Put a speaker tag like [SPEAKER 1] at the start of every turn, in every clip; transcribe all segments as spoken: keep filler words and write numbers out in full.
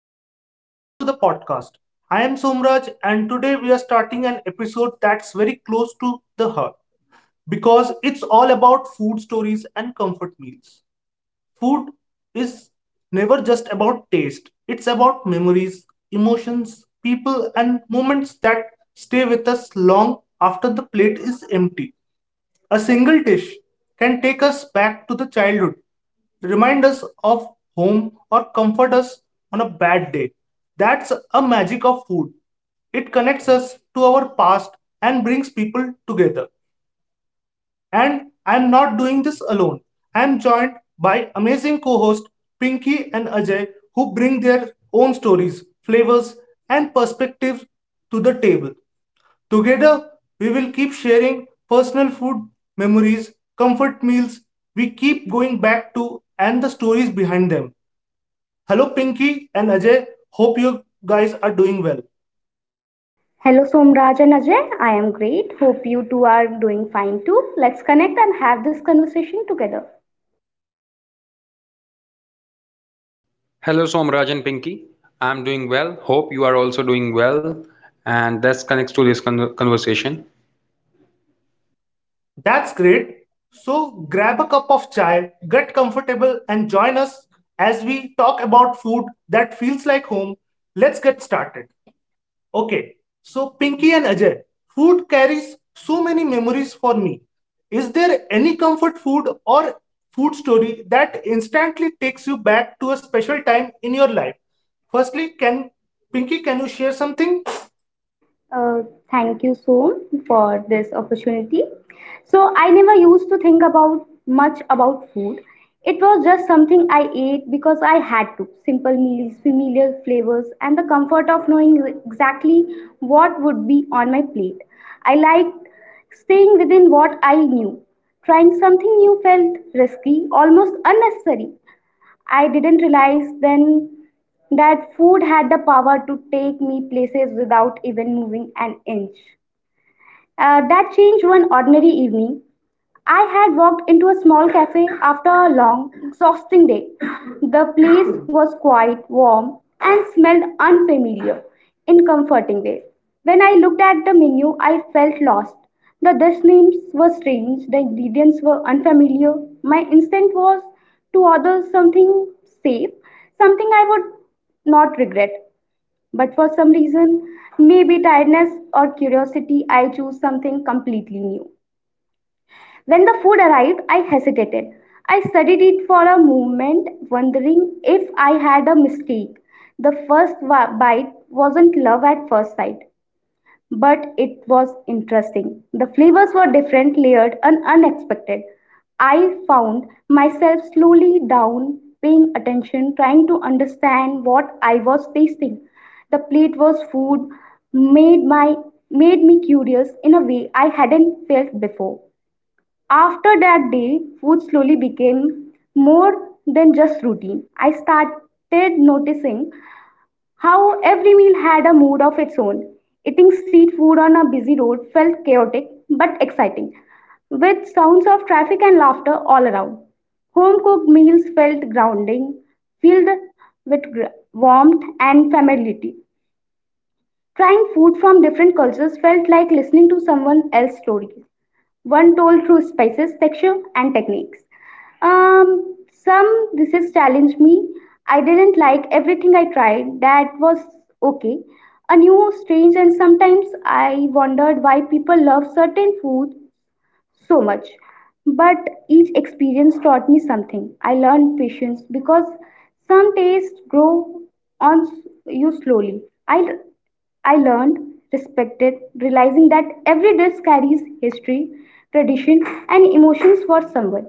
[SPEAKER 1] and welcome to the podcast. I am Somraj, and today we are starting an episode that's very close to the heart because it's all about food stories and comfort meals. Food is never just about taste, it's about memories, emotions, people, and moments that stay with us long after the plate is empty. A single dish can take us back to the childhood, remind us of home, or comfort us on a bad day. That's a magic of food. It connects us to our past and brings people together. And I'm not doing this alone. I'm joined by amazing co hosts Pinky and Ajay, who bring their own stories, flavors, and perspectives to the table. Together, we will keep sharing personal food, memories, comfort meals we keep going back to, and the stories behind them. Hello, Pinky and Ajay. Hope you guys are doing well.
[SPEAKER 2] Hello Somraj and Ajay, I am great. Hope you two are doing fine too. Let's connect and have this conversation together.
[SPEAKER 3] Hello, Somraj and Pinky. I'm doing well. Hope you are also doing well. And that connects to this con- conversation.
[SPEAKER 1] That's great. So grab a cup of chai, get comfortable, and join us as we talk about food that feels like home. Let's get started. Okay, so Pinky and Ajay, food carries so many memories for me. Is there any comfort food or food story that instantly takes you back to a special time in your life? Firstly, can Pinky, can you share something?
[SPEAKER 2] Uh, Thank you, Som, for this opportunity. So, I never used to think about much about food. It was just something I ate because I had to. Simple meals, familiar flavors, and the comfort of knowing exactly what would be on my plate. I liked staying within what I knew. Trying something new felt risky, almost unnecessary. I didn't realize then that food had the power to take me places without even moving an inch. Uh, that changed one ordinary evening. I had walked into a small cafe after a long, exhausting day. The place was quite warm, and smelled unfamiliar in comforting ways. When I looked at the menu, I felt lost. The dish names were strange, the ingredients were unfamiliar. My instinct was to order something safe, something I would not regret. But for some reason, maybe tiredness or curiosity, I chose something completely new. When the food arrived, I hesitated. I studied it for a moment, wondering if I had a mistake. The first bite wasn't love at first sight, but it was interesting. The flavors were different, layered, and unexpected. I found myself slowly down, paying attention, trying to understand what I was tasting. The plate was food, made my made me curious in a way I hadn't felt before. After that day, food slowly became more than just routine. I started noticing how every meal had a mood of its own. Eating street food on a busy road felt chaotic but exciting, with sounds of traffic and laughter all around. Home cooked meals felt grounding, filled with gr- warmth and familiarity. Trying food from different cultures felt like listening to someone else's stories, one told through spices, texture, and techniques. Um, some dishes challenged me. I didn't like everything I tried. That was okay. A new, strange, and sometimes I wondered why people love certain foods so much. But each experience taught me something. I learned patience because some tastes grow on s- you slowly. I, I learned, respected, realizing that every dish carries history, tradition, and emotions for someone.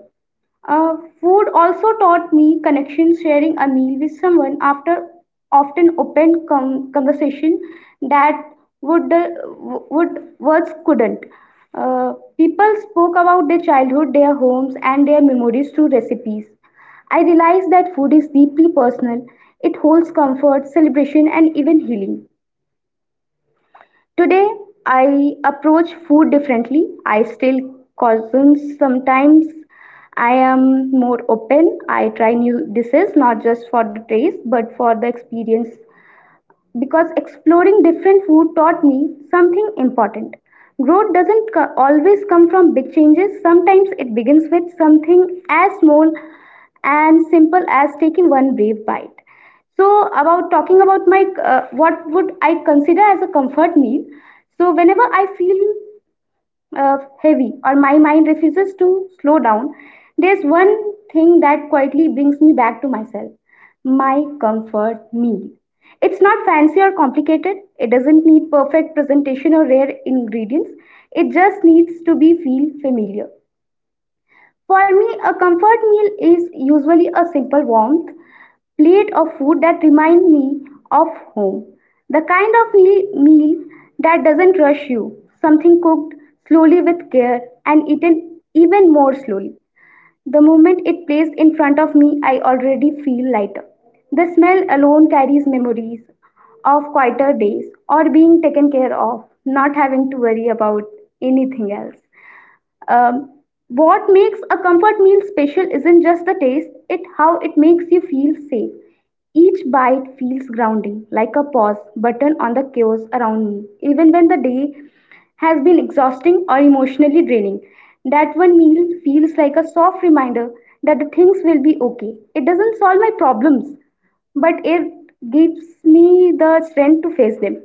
[SPEAKER 2] Uh, food also taught me connection, sharing a meal with someone after often opened com- conversation that would, uh, would words couldn't. Uh, people spoke about their childhood, their homes, and their memories through recipes. I realized that food is deeply personal. It holds comfort, celebration, and even healing. Today, I approach food differently. I still cuisine sometimes. I am more open. I try new dishes not just for the taste but for the experience because exploring different food taught me something important. Growth doesn't co- always come from big changes. Sometimes it begins with something as small and simple as taking one brief bite. So, about talking about my uh, what would I consider as a comfort meal? So, whenever I feel uh, heavy or my mind refuses to slow down, there's one thing that quietly brings me back to myself, my comfort meal. It's not fancy or complicated. It doesn't need perfect presentation or rare ingredients. It just needs to be feel familiar. For me, a comfort meal is usually a simple warmth, plate of food that reminds me of home. The kind of meal, meal that doesn't rush you, something cooked slowly with care and eaten even more slowly. The moment it placed in front of me, I already feel lighter. The smell alone carries memories of quieter days or being taken care of, not having to worry about anything else. Um, what makes a comfort meal special isn't just the taste, it how it makes you feel safe. Each bite feels grounding, like a pause button on the chaos around me, even when the day has been exhausting or emotionally draining. That one meal feels like a soft reminder that the things will be okay. It doesn't solve my problems, but it gives me the strength to face them.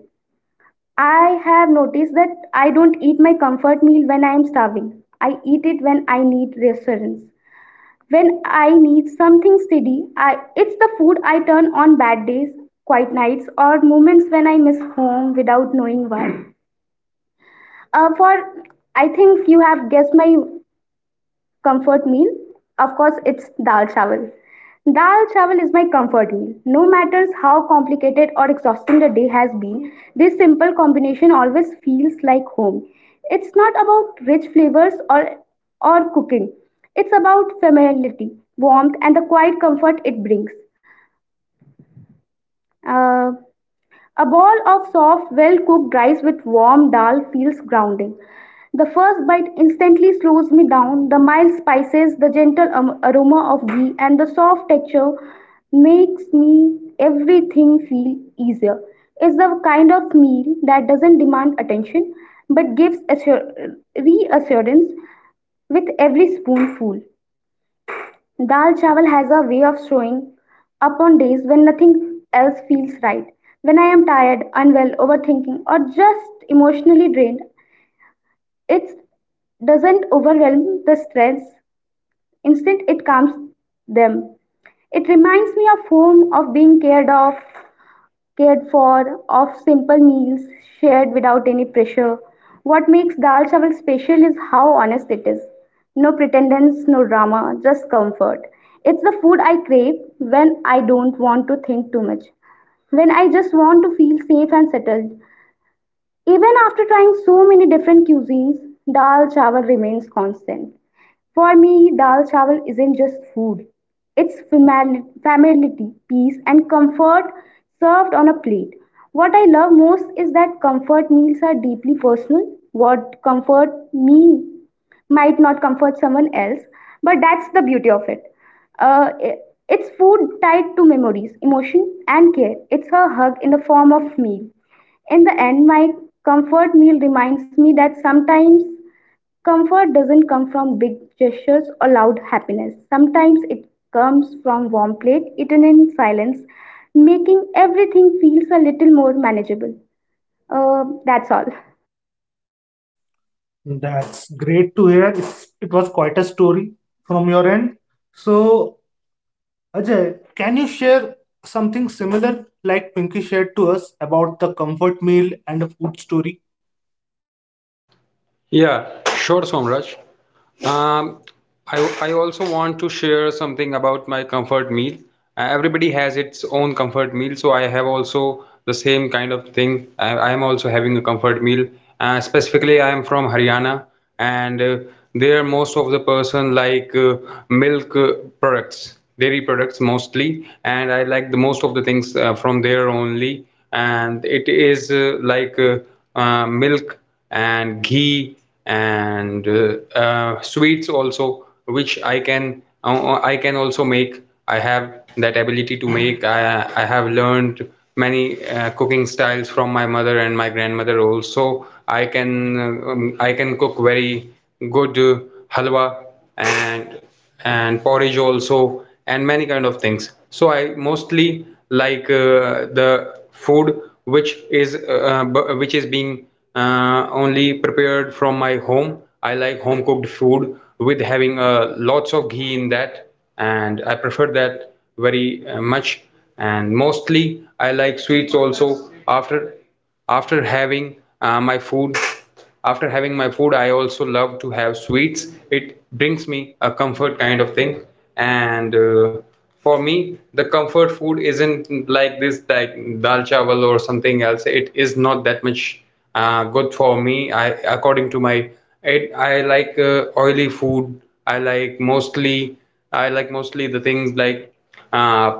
[SPEAKER 2] I have noticed that I don't eat my comfort meal when I am starving. I eat it when I need reassurance. When I need something steady, I, it's the food I turn on bad days, quiet nights, or moments when I miss home without knowing why. Uh, for I think you have guessed my comfort meal? Of course, it's dal chawal. Dal chawal is my comfort meal. No matter how complicated or exhausting the day has been, this simple combination always feels like home. It's not about rich flavors or, or cooking, it's about familiarity, warmth, and the quiet comfort it brings. Uh, a bowl of soft, well cooked rice with warm dal feels grounding. The first bite instantly slows me down. The mild spices, the gentle aroma of ghee, and the soft texture makes me everything feel easier. It's the kind of meal that doesn't demand attention but gives assur- reassurance with every spoonful. Dal chawal has a way of showing up on days when nothing else feels right. When I am tired, unwell, overthinking, or just emotionally drained, it doesn't overwhelm the stress. Instead, it calms them. It reminds me of home, of being cared of, cared for, of simple meals shared without any pressure. What makes Dal Chawal special is how honest it is. No pretendence, no drama, just comfort. It's the food I crave when I don't want to think too much. When I just want to feel safe and settled, even after trying so many different cuisines, dal chawal remains constant. For me, dal chawal isn't just food, it's famili- familiarity, peace, and comfort served on a plate. What I love most is that comfort meals are deeply personal. What comfort me might not comfort someone else, but that's the beauty of it. Uh, i- it's food tied to memories, emotion, and care. It's a hug in the form of meal. In the end, my comfort meal reminds me that sometimes comfort doesn't come from big gestures or loud happiness. Sometimes it comes from warm plate eaten in silence, making everything feels a little more manageable. Uh, that's all.
[SPEAKER 1] That's great to hear. It's, it was quite a story from your end. So, Ajay, can you share something similar like Pinky shared to us about the comfort meal and the food story?
[SPEAKER 3] Yeah, sure, Somraj. Um, I, I also want to share something about my comfort meal. Uh, everybody has its own comfort meal, so I have also the same kind of thing. I, I am also having a comfort meal. Uh, specifically, I am from Haryana, and uh, there most of the person like uh, milk uh, products, dairy products mostly, and I like the most of the things uh, from there only. And it is uh, like uh, uh, milk and ghee and uh, uh, sweets also which I can uh, uh, I can also make. I have that ability to make. i, I have learned many uh, cooking styles from my mother and my grandmother also. I can uh, um, I can cook very good uh, halwa and and porridge also and many kind of things. So I mostly like uh, the food which is uh, which is being uh, only prepared from my home. I like home cooked food with having uh, lots of ghee in that, and I prefer that very uh, much. And mostly I like sweets also after after having uh, my food after having my food. I also love to have sweets. It brings me a comfort kind of thing. And uh, for me, the comfort food isn't like this, like dal chawal or something else. It is not that much uh, good for me. I, according to my, it, I like uh, oily food. I like mostly, I like mostly the things like uh,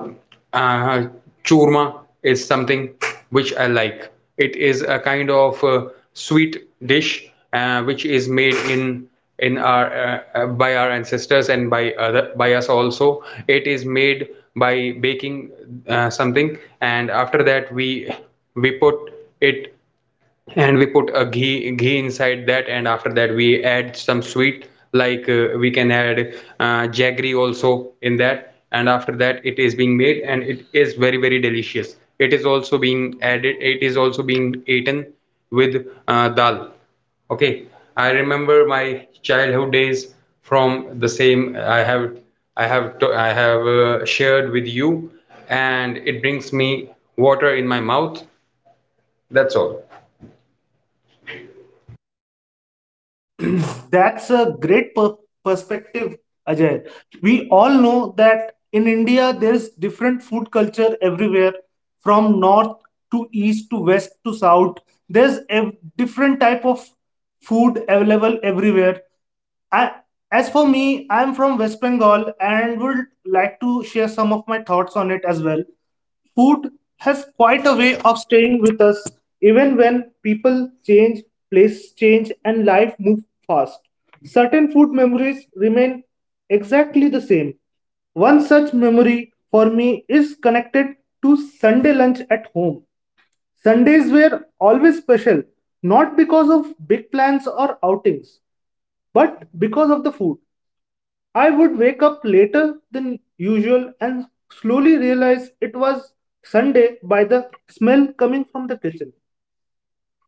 [SPEAKER 3] uh, Churma is something which I like. It is a kind of uh, sweet dish uh, which is made in in our uh, uh, by our ancestors and by other by us also. It is made by baking uh, something, and after that we we put it, and we put a ghee ghee inside that. And after that we add some sweet, like uh, we can add uh, jaggery also in that. And after that it is being made, and it is very very delicious. It is also being added, it is also being eaten with uh, dal. Okay, I remember my childhood days from the same. i have i have to, I have uh, shared with you, and it brings me water in my mouth. That's all.
[SPEAKER 1] That's a great per- perspective, Ajay. We all know that in India there is different food culture everywhere, from north to east to west to south. There's a different type of food available everywhere. I, as for me, I'm from West Bengal and would like to share some of my thoughts on it as well. Food has quite a way of staying with us even when people change, place change, and life move fast. Certain food memories remain exactly the same. One such memory for me is connected to Sunday lunch at home. Sundays were always special, not because of big plans or outings, but because of the food. I would wake up later than usual and slowly realize it was Sunday by the smell coming from the kitchen.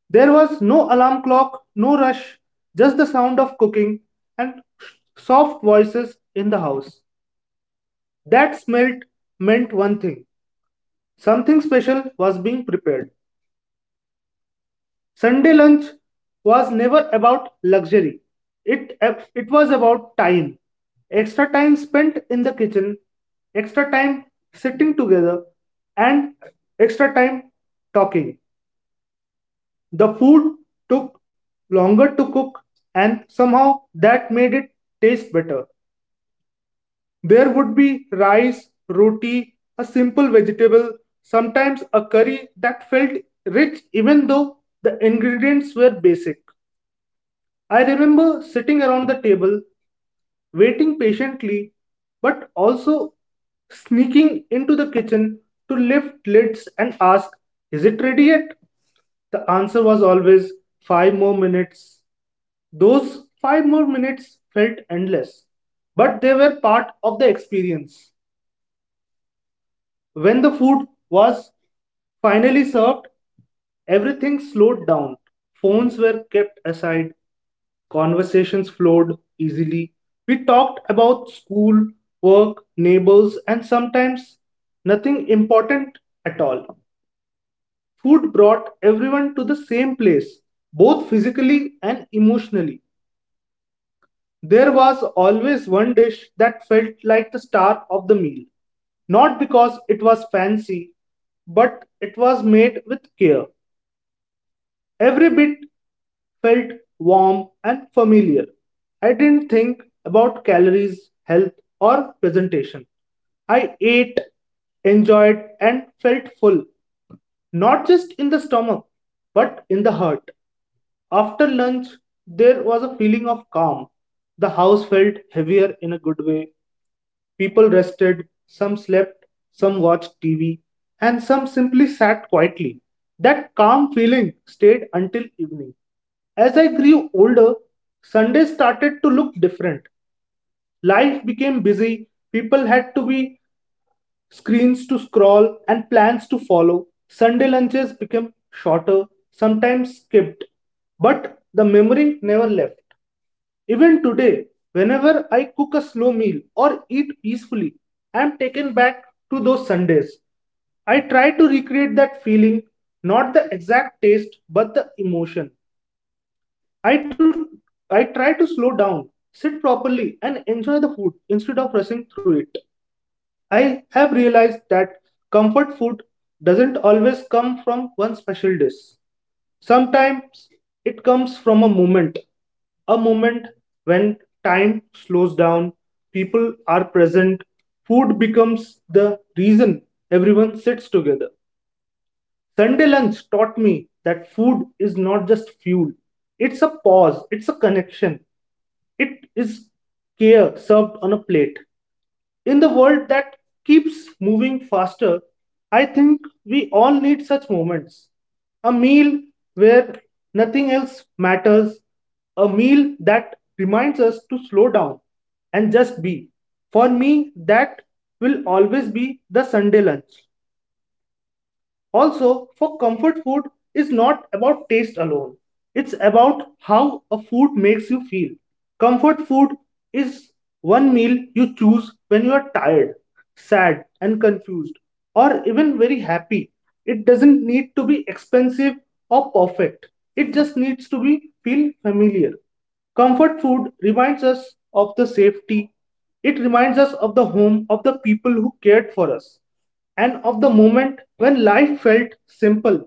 [SPEAKER 1] There was no alarm clock, no rush, just the sound of cooking and soft voices in the house. That smelt meant one thing, something special was being prepared. Sunday lunch was never about luxury. It, it was about time. Extra time spent in the kitchen, extra time sitting together, and extra time talking. The food took longer to cook, and somehow that made it taste better. There would be rice, roti, a simple vegetable, sometimes a curry that felt rich even though the ingredients were basic. I remember sitting around the table, waiting patiently, but also sneaking into the kitchen to lift lids and ask, "Is it ready yet?" The answer was always five more minutes. Those five more minutes felt endless, but they were part of the experience. When the food was finally served, everything slowed down. Phones were kept aside, conversations flowed easily. We talked about school, work, neighbors, and sometimes nothing important at all. Food brought everyone to the same place, both physically and emotionally. There was always one dish that felt like the star of the meal, not because it was fancy, but it was made with care. Every bit felt warm and familiar. I didn't think about calories, health, or presentation. I ate, enjoyed, and felt full, not just in the stomach, but in the heart. After lunch, there was a feeling of calm. The house felt heavier in a good way. People rested, some slept, some watched T V, and some simply sat quietly. That calm feeling stayed until evening. As I grew older, Sundays started to look different. Life became busy, people had to be screens to scroll and plans to follow. Sunday lunches became shorter, sometimes skipped, but the memory never left. Even today, whenever I cook a slow meal or eat peacefully, I am taken back to those Sundays. I try to recreate that feeling, not the exact taste, but the emotion. I, to, I try to slow down, sit properly, and enjoy the food instead of rushing through it. I have realized that comfort food doesn't always come from one special dish. Sometimes it comes from a moment, a moment when time slows down, people are present, food becomes the reason everyone sits together. Sunday lunch taught me that food is not just fuel, it's a pause, it's a connection, it is care served on a plate. In the world that keeps moving faster, I think we all need such moments. A meal where nothing else matters, a meal that reminds us to slow down and just be. For me, that will always be the Sunday lunch. Also, for comfort food is not about taste alone. It's about how a food makes you feel. Comfort food is one meal you choose when you are tired, sad, and confused, or even very happy. It doesn't need to be expensive or perfect. It just needs to be feel familiar. Comfort food reminds us of the safety. It reminds us of the home of the people who cared for us and of the moment when life felt simple.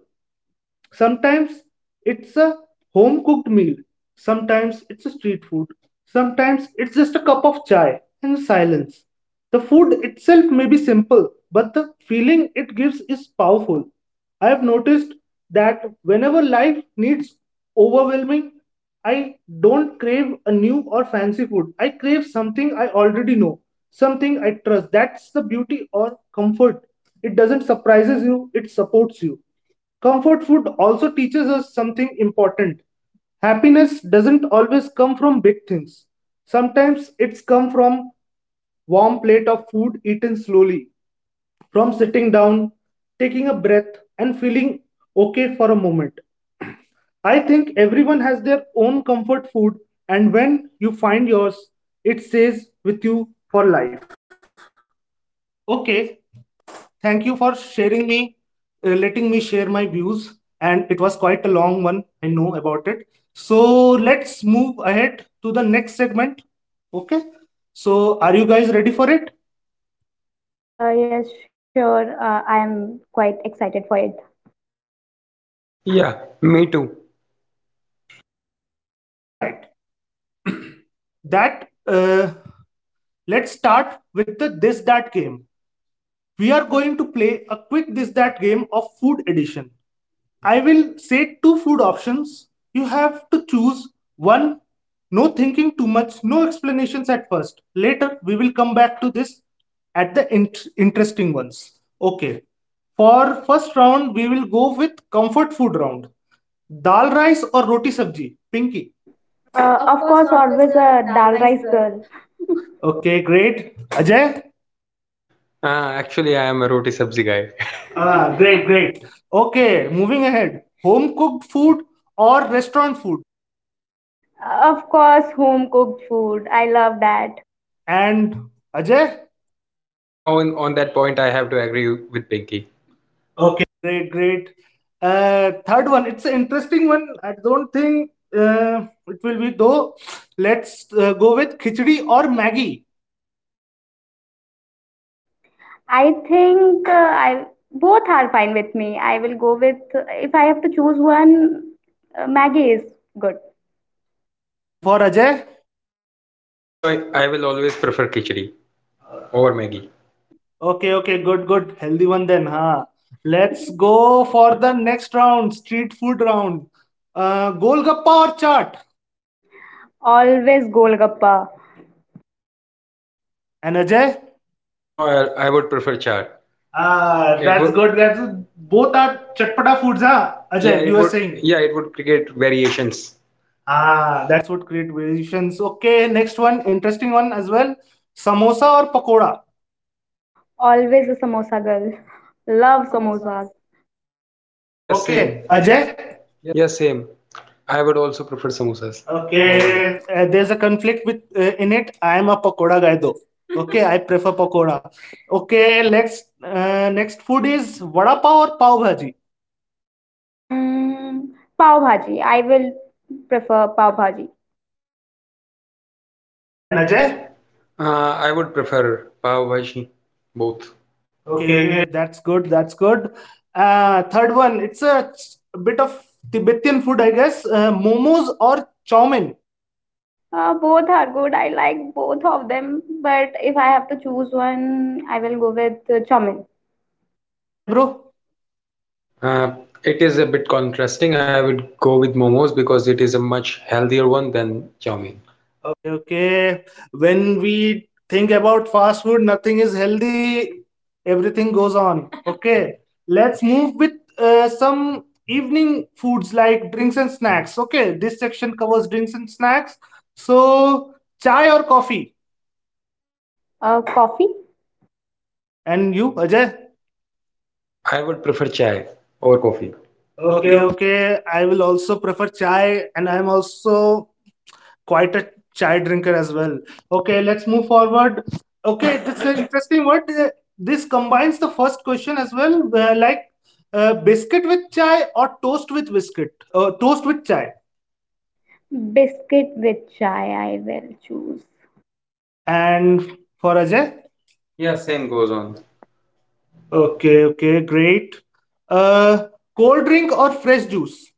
[SPEAKER 1] Sometimes it's a home cooked meal, sometimes it's a street food, sometimes it's just a cup of chai and silence. The food itself may be simple, but the feeling it gives is powerful. I have noticed that whenever life needs overwhelming, I don't crave a new or fancy food. I crave something I already know, something I trust. That's the beauty or comfort. It doesn't surprises you, it supports you. Comfort food also teaches us something important. Happiness doesn't always come from big things. Sometimes it's come from warm plate of food eaten slowly, from sitting down, taking a breath and feeling okay for a moment. I think everyone has their own comfort food, and when you find yours, it stays with you for life. Okay, thank you for sharing me, uh, letting me share my views. And it was quite a long one, I know about it. So let's move ahead to the next segment. Okay. So are you guys ready for it?
[SPEAKER 2] Uh, yes, sure. Uh, I'm quite excited for it.
[SPEAKER 3] Yeah, me too.
[SPEAKER 1] All right. That uh, Let's start with the this that game. We are going to play a quick this that game of food edition. I will say two food options. You have to choose one. No thinking too much, no explanations at first. Later, we will come back to this at the int- interesting ones. Okay. For first round, we will go with comfort food round. Dal rice or roti sabji? Pinky.
[SPEAKER 2] Pinky. Uh, of course, always a dal rice girl.
[SPEAKER 1] Okay, great. Ajay?
[SPEAKER 3] Uh, actually, I am a roti sabzi guy.
[SPEAKER 1] Ah,
[SPEAKER 3] Ah,
[SPEAKER 1] great,
[SPEAKER 3] great, great.
[SPEAKER 1] great. Okay, moving ahead. Home cooked food or restaurant food?
[SPEAKER 2] Uh, Of course, home cooked food. I love that.
[SPEAKER 1] And Ajay?
[SPEAKER 3] Now, on, on that point, I have to agree with Pinky. Okay.
[SPEAKER 1] Okay, great, great. Uh, third one, it's an interesting one. I don't think uh, it will be though. Let's uh, go with khichdi or Maggie.
[SPEAKER 2] I think uh, I both are fine with me. I will go with, if I have to choose one, uh, Maggie is good.
[SPEAKER 1] And for Ajay,
[SPEAKER 3] For me, I, I will always prefer khichdi over Maggi.
[SPEAKER 1] okay, okay, good, good, healthy one then. Huh? Let's go for the next round, street food round. Uh, Golgappa or chaat.
[SPEAKER 2] Always golgappa.
[SPEAKER 1] And Ajay,
[SPEAKER 3] No, I, I would prefer chaat. Ah,
[SPEAKER 1] uh,
[SPEAKER 3] it that's
[SPEAKER 1] that's
[SPEAKER 3] would-
[SPEAKER 1] good.
[SPEAKER 3] good. That's
[SPEAKER 1] That's
[SPEAKER 3] both
[SPEAKER 1] both
[SPEAKER 3] are
[SPEAKER 1] are chatpata
[SPEAKER 3] chatpata
[SPEAKER 1] foods,
[SPEAKER 3] foods, huh?
[SPEAKER 1] huh?
[SPEAKER 3] Ajay, yeah, Ajay,
[SPEAKER 1] Ajay,
[SPEAKER 3] you it
[SPEAKER 1] you
[SPEAKER 3] were
[SPEAKER 1] were
[SPEAKER 3] would
[SPEAKER 1] saying.
[SPEAKER 3] saying. Yeah, it would create variations.
[SPEAKER 1] Ah,
[SPEAKER 3] Ah, that.
[SPEAKER 1] that's what create variations. Okay, next one, interesting one as well. Samosa or pakoda?
[SPEAKER 2] Always a samosa girl. Love samosas.
[SPEAKER 3] Yeah,
[SPEAKER 1] Yes,
[SPEAKER 3] okay,
[SPEAKER 1] okay,
[SPEAKER 3] same.
[SPEAKER 1] yeah.
[SPEAKER 3] Okay. Ajay?
[SPEAKER 1] Ajay.
[SPEAKER 3] Yeah, same. I would also prefer samosas over. Okay.
[SPEAKER 1] Okay, uh, there's a conflict with uh, in it. I am a pakoda guy though. Okay, I prefer pakoda. Okay, next uh, next food is vada pav or pav bhaji.
[SPEAKER 2] Mm, Pav bhaji. I will prefer pav bhaji.
[SPEAKER 3] And
[SPEAKER 1] And Ajay.
[SPEAKER 3] Ajay? Uh, I would prefer pav bhaji, both. Okay,
[SPEAKER 1] Okay,
[SPEAKER 3] okay.
[SPEAKER 1] okay, that's good. That's good. Uh, third one, it's a ch- bit of Tibetan food, I guess. Uh, momos or chow mein.
[SPEAKER 2] Uh, both are good. I like both of them, but if I have to choose one, I will go with uh, chowmin.
[SPEAKER 1] And Ajay, bro.
[SPEAKER 3] Uh, it is a bit contrasting. I would go with momos because it is a much healthier one than chow mein.
[SPEAKER 1] Okay, okay. When we think about fast food, nothing is healthy. Everything goes on. Okay. Let's move with uh, some evening foods like drinks and snacks. Okay. This section covers drinks and snacks. So, chai or coffee?
[SPEAKER 2] Uh, coffee,
[SPEAKER 1] And you, Ajay?
[SPEAKER 3] I would prefer chai or coffee. Okay,
[SPEAKER 1] Okay,
[SPEAKER 3] okay.
[SPEAKER 1] okay. I will also prefer chai, and I am also quite a chai drinker as well. Okay, let's move forward. Okay, this is an interesting. What uh, This combines the first question as well, where like uh, biscuit with chai or toast with biscuit, uh, toast with chai.
[SPEAKER 2] biscuit with chai, I will choose.
[SPEAKER 1] And for Ajay,
[SPEAKER 3] Yeah, same goes on. Okay.
[SPEAKER 1] okay, okay, great. Uh, Cold drink or fresh juice?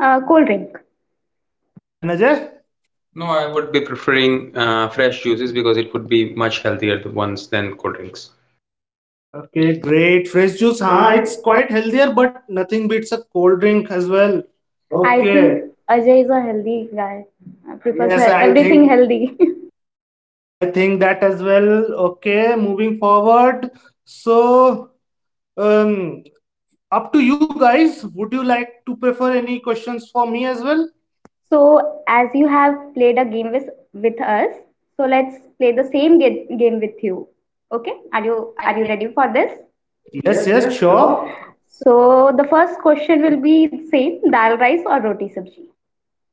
[SPEAKER 2] Uh, cold drink.
[SPEAKER 1] And Ajay,
[SPEAKER 3] No, I would be preferring uh, fresh juices because it would be much healthier the ones than cold drinks.
[SPEAKER 1] okay, great. Fresh juice, huh?
[SPEAKER 2] हाँ,
[SPEAKER 1] It's
[SPEAKER 2] it's quite-
[SPEAKER 1] quite healthier, but nothing beats a cold drink as well.
[SPEAKER 2] I Okay.
[SPEAKER 1] Okay.
[SPEAKER 2] think Ajay is a healthy guy. Uh, prefers,
[SPEAKER 1] Yes,
[SPEAKER 2] yes, he- I
[SPEAKER 1] I
[SPEAKER 2] everything
[SPEAKER 1] think.
[SPEAKER 2] think healthy.
[SPEAKER 1] Yes, I think that as well. Okay, moving forward. So, um, up to you guys. Would you like to prefer any questions for me as well?
[SPEAKER 2] So, as you have played a game with, with us, so let's play the same ga- game with you. Okay? Are you are you ready for this? Yes,
[SPEAKER 1] Yes, yes,
[SPEAKER 2] yes,
[SPEAKER 1] sure.
[SPEAKER 2] sure. So, the first question will be same, dal rice or roti sabji?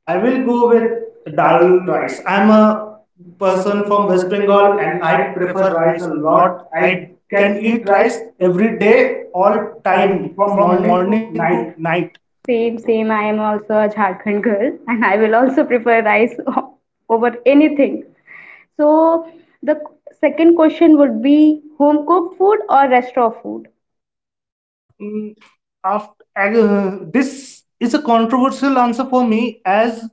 [SPEAKER 1] I
[SPEAKER 2] I
[SPEAKER 1] will
[SPEAKER 2] will
[SPEAKER 1] go
[SPEAKER 2] go
[SPEAKER 1] with
[SPEAKER 2] with dal
[SPEAKER 1] dal rice.
[SPEAKER 2] rice.
[SPEAKER 1] I'm
[SPEAKER 2] I'm
[SPEAKER 1] a
[SPEAKER 2] a
[SPEAKER 1] person
[SPEAKER 2] person
[SPEAKER 1] from
[SPEAKER 2] from
[SPEAKER 1] West
[SPEAKER 2] West
[SPEAKER 1] Bengal
[SPEAKER 2] Bengal
[SPEAKER 1] and
[SPEAKER 2] and
[SPEAKER 1] I
[SPEAKER 2] I
[SPEAKER 1] prefer
[SPEAKER 2] prefer
[SPEAKER 1] rice
[SPEAKER 2] rice
[SPEAKER 1] a
[SPEAKER 2] a
[SPEAKER 1] lot.
[SPEAKER 2] lot.
[SPEAKER 1] I
[SPEAKER 2] I
[SPEAKER 1] can
[SPEAKER 2] can
[SPEAKER 1] eat
[SPEAKER 2] eat
[SPEAKER 1] rice
[SPEAKER 2] rice
[SPEAKER 1] every
[SPEAKER 2] every
[SPEAKER 1] day,
[SPEAKER 2] day,
[SPEAKER 1] all
[SPEAKER 2] all
[SPEAKER 1] time,
[SPEAKER 2] time,
[SPEAKER 1] from
[SPEAKER 2] from morning
[SPEAKER 1] morning to
[SPEAKER 2] to
[SPEAKER 1] night.
[SPEAKER 2] night. Same, same. I am also a Jharkhand girl, and I will also prefer rice o- over anything. So, the second question would be home cooked food or restaurant food?
[SPEAKER 1] Mm, after, uh, this is a controversial answer for me as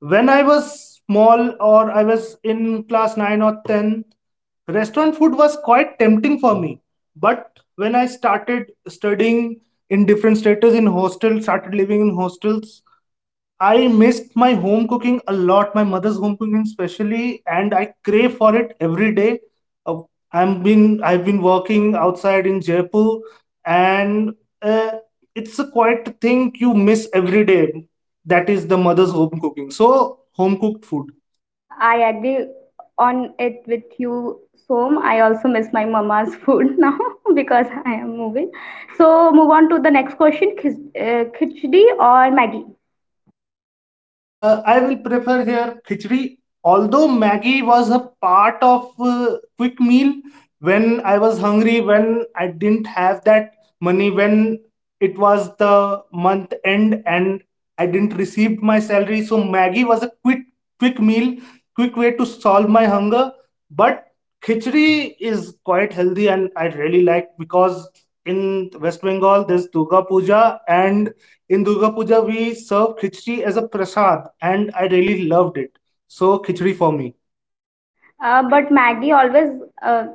[SPEAKER 1] when I was small or I was in class nine or ten, restaurant food was quite tempting for me. But when I started studying in different status in hostels, started living in hostels, I missed my home cooking a lot, my mother's home cooking especially, and I crave for it every day. Uh, I'm been I've been working outside in Jaipur, and uh, it's a quite thing you miss every day. That is the mother's home cooking. So home cooked food.
[SPEAKER 2] I agree on it with you, Som. I also miss my mama's food now because I am moving. So, move on to the next question, khis- uh, khichdi or Maggie?
[SPEAKER 1] Uh, I will prefer here khichdi. Although Maggie was a part of uh, quick meal when I was hungry, when I didn't have that money, when it was the month end and I didn't receive my salary, so Maggie was a quick quick meal, quick way to solve my hunger. But khichdi is quite healthy and I really like because in West Bengal there's Durga Puja and in Durga Puja we serve khichdi as a prasad, and I really loved it. So khichdi for me.
[SPEAKER 2] Uh, but Maggie always uh,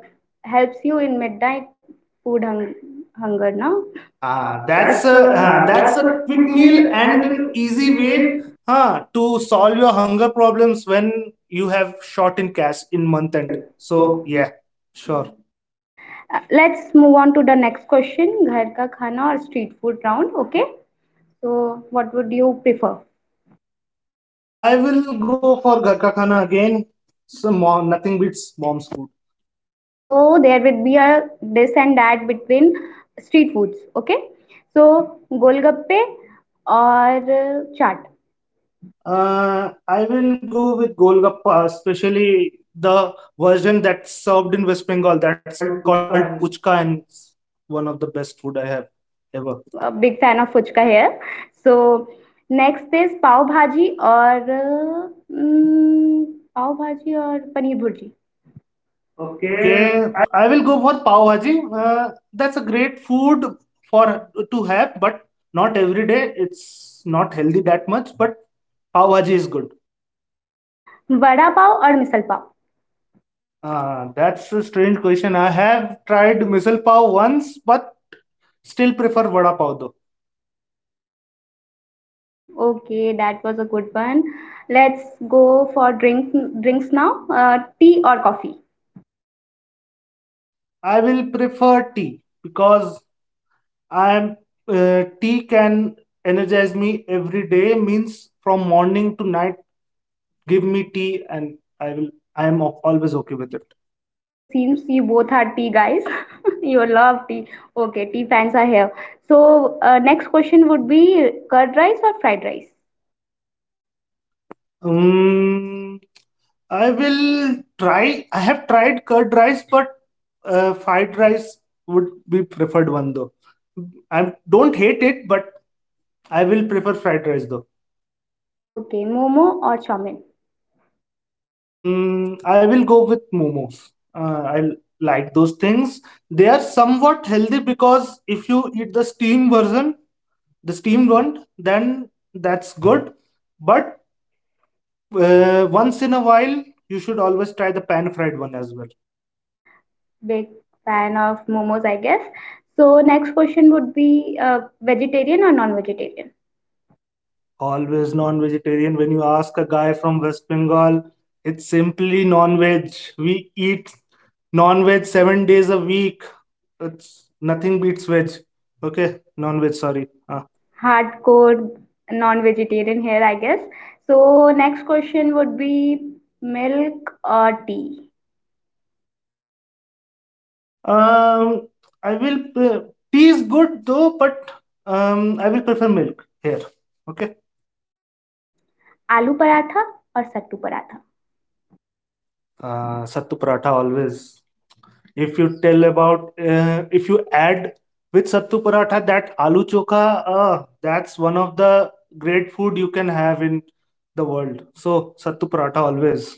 [SPEAKER 2] helps you in midnight food hung- hunger, no?
[SPEAKER 1] Ah,
[SPEAKER 2] Uh,
[SPEAKER 1] that's
[SPEAKER 2] that's a
[SPEAKER 1] a ah,
[SPEAKER 2] uh,
[SPEAKER 1] that's
[SPEAKER 2] that's
[SPEAKER 1] a
[SPEAKER 2] a
[SPEAKER 1] quick
[SPEAKER 2] quick
[SPEAKER 1] meal
[SPEAKER 2] meal
[SPEAKER 1] and
[SPEAKER 2] and
[SPEAKER 1] an
[SPEAKER 2] an
[SPEAKER 1] easy
[SPEAKER 2] easy
[SPEAKER 1] way,
[SPEAKER 2] way.
[SPEAKER 1] huh, to solve your hunger problems when you have short in cash in month end.
[SPEAKER 2] Consent.
[SPEAKER 1] So
[SPEAKER 2] So yeah.
[SPEAKER 1] yeah, sure.
[SPEAKER 2] Uh, Let's move on to the next question, घर का खाना और street food round, okay? So what would you prefer?
[SPEAKER 1] Uh, I will go for ghar ka khana again. So mom, nothing beats mom's food.
[SPEAKER 2] So there would be a this and that between street foods, okay? So गोलगप्पे और चाट.
[SPEAKER 1] Uh, I will go with Golgappa, especially the version that's served in West Bengal.
[SPEAKER 2] It's
[SPEAKER 1] That's
[SPEAKER 2] called
[SPEAKER 1] called
[SPEAKER 2] puchka,
[SPEAKER 1] Puchka and
[SPEAKER 2] and
[SPEAKER 1] it's one of the best food I have ever.
[SPEAKER 2] a big fan of fuchka here. So next is pav bhaji or mm, pav bhaji or paneer bhurji. Okay.
[SPEAKER 1] Okay, I will go for Pav Bhaji. Uh, that's a great food for to have, but not every day. It's not healthy that much, but Pav Bhaji is good.
[SPEAKER 2] Vada pav or misal pav.
[SPEAKER 1] Uh, that's a strange question. I have tried misal pav once, but still prefer vada pav though.
[SPEAKER 2] Okay, that was a good one. Let's go for drink drinks now. Uh, tea or coffee?
[SPEAKER 1] I will prefer tea because I am uh, tea can energize me every day means from morning to night give me tea and I will I am al- always okay with it.
[SPEAKER 2] It seems you both are tea guys. You love tea. Okay, tea fans are here. So uh, next question would be curd rice or fried rice?
[SPEAKER 1] Um, I will try I have tried curd rice but uh, fried rice would be preferred one though. I don't hate it but I will prefer fried rice though.
[SPEAKER 2] Okay, momo or chow mein?
[SPEAKER 1] Mm, I will go with momos. Uh, I like those things. They are somewhat healthy because if you eat the steam version, the steamed one, then that's good. But uh, once in a while, you should always try the pan fried one as well.
[SPEAKER 2] Big fan of momos, I guess. So next question would be uh, vegetarian or non-vegetarian?
[SPEAKER 1] Always non vegetarian. When you ask a guy from West Bengal, it's simply non veg. We eat non veg seven days a week. It's nothing beats veg. Okay, non veg, sorry. Uh,
[SPEAKER 2] Hardcore non-vegetarian here, I guess. So next question would be milk or tea?
[SPEAKER 1] Um, I will pre- Tea is good though, but um, I will prefer milk here. Okay.
[SPEAKER 2] Aloo paratha or sattu paratha?
[SPEAKER 1] Uh, sattu paratha always. If you tell about uh, if you add with sattu paratha that aloo chokha, uh, that's one of the great food you can have in the world. So sattu paratha always.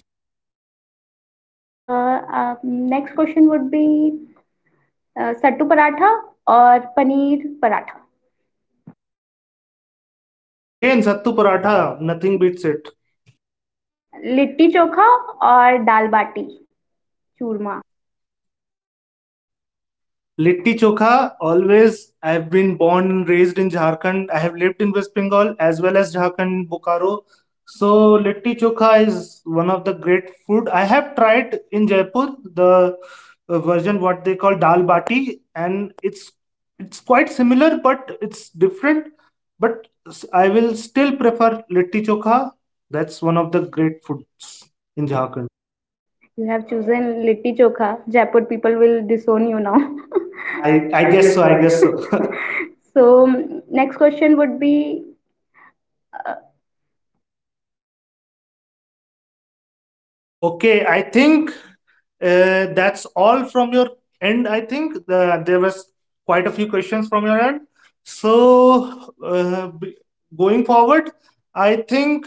[SPEAKER 2] Uh, uh, next question would be uh, sattu paratha or paneer paratha?
[SPEAKER 1] Again, sattu paratha, nothing beats it.
[SPEAKER 2] Litti chokha or dal bati churma?
[SPEAKER 1] Litti Chokha, always, I've been born and raised in Jharkhand. I have lived in West Bengal as well as Jharkhand, Bokaro. So, Litti Chokha is one of the great food. I have tried in Jaipur the uh, version what they call Dal Bati, and it's it's quite similar, but it's different. But s- I will still prefer Litti Chokha. That's one of the great foods in Jharkhand.
[SPEAKER 2] You have chosen litti chokha. Jaipur people will disown you now.
[SPEAKER 1] I
[SPEAKER 2] I,
[SPEAKER 1] I
[SPEAKER 2] I
[SPEAKER 1] guess
[SPEAKER 2] guess
[SPEAKER 1] so.
[SPEAKER 2] so.
[SPEAKER 1] I
[SPEAKER 2] I guess
[SPEAKER 1] guess so.
[SPEAKER 2] so. So, mm, next question would be uh,
[SPEAKER 1] Okay, I think Uh, that's all from your end. I think uh, there was quite a few questions from your end. So uh, b- going forward, I think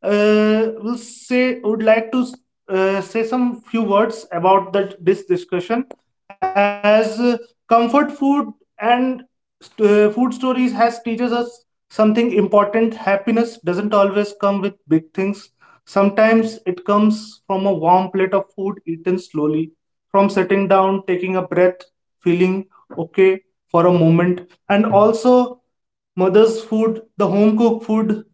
[SPEAKER 1] uh, we'll say would like to uh, say some few words about that this discussion as uh, comfort food and uh, food stories has teaches us something important. Happiness doesn't always come with big things. Sometimes it comes from a warm plate of food eaten slowly, from sitting down, taking a breath, feeling okay for a moment. And also, mother's food, the home cooked food,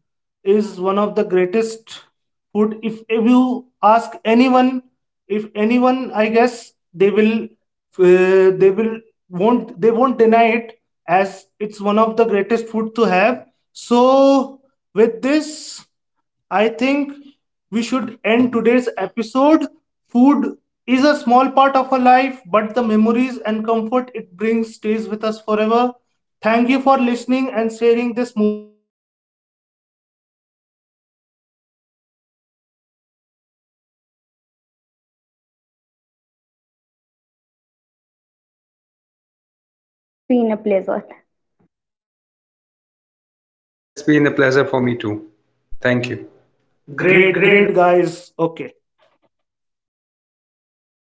[SPEAKER 1] is one of the greatest food. If, if you ask anyone, if anyone, I guess they will, uh, they will won't they won't deny it as it's one of the greatest food to have. So with this, I think we should end today's episode. Food is a small part of our life, but the memories and comfort it brings stays with us forever. Thank you for listening and sharing this moment with us. And thank you, Ajay, and thank you, Pinky, for joining me in this podcast and discussions. Great to have both of you here.
[SPEAKER 2] It's been a pleasure.
[SPEAKER 3] Yeah, it's been a pleasure for me too. Thank you. Great,
[SPEAKER 1] Great,
[SPEAKER 3] great,
[SPEAKER 1] great guys. Okay.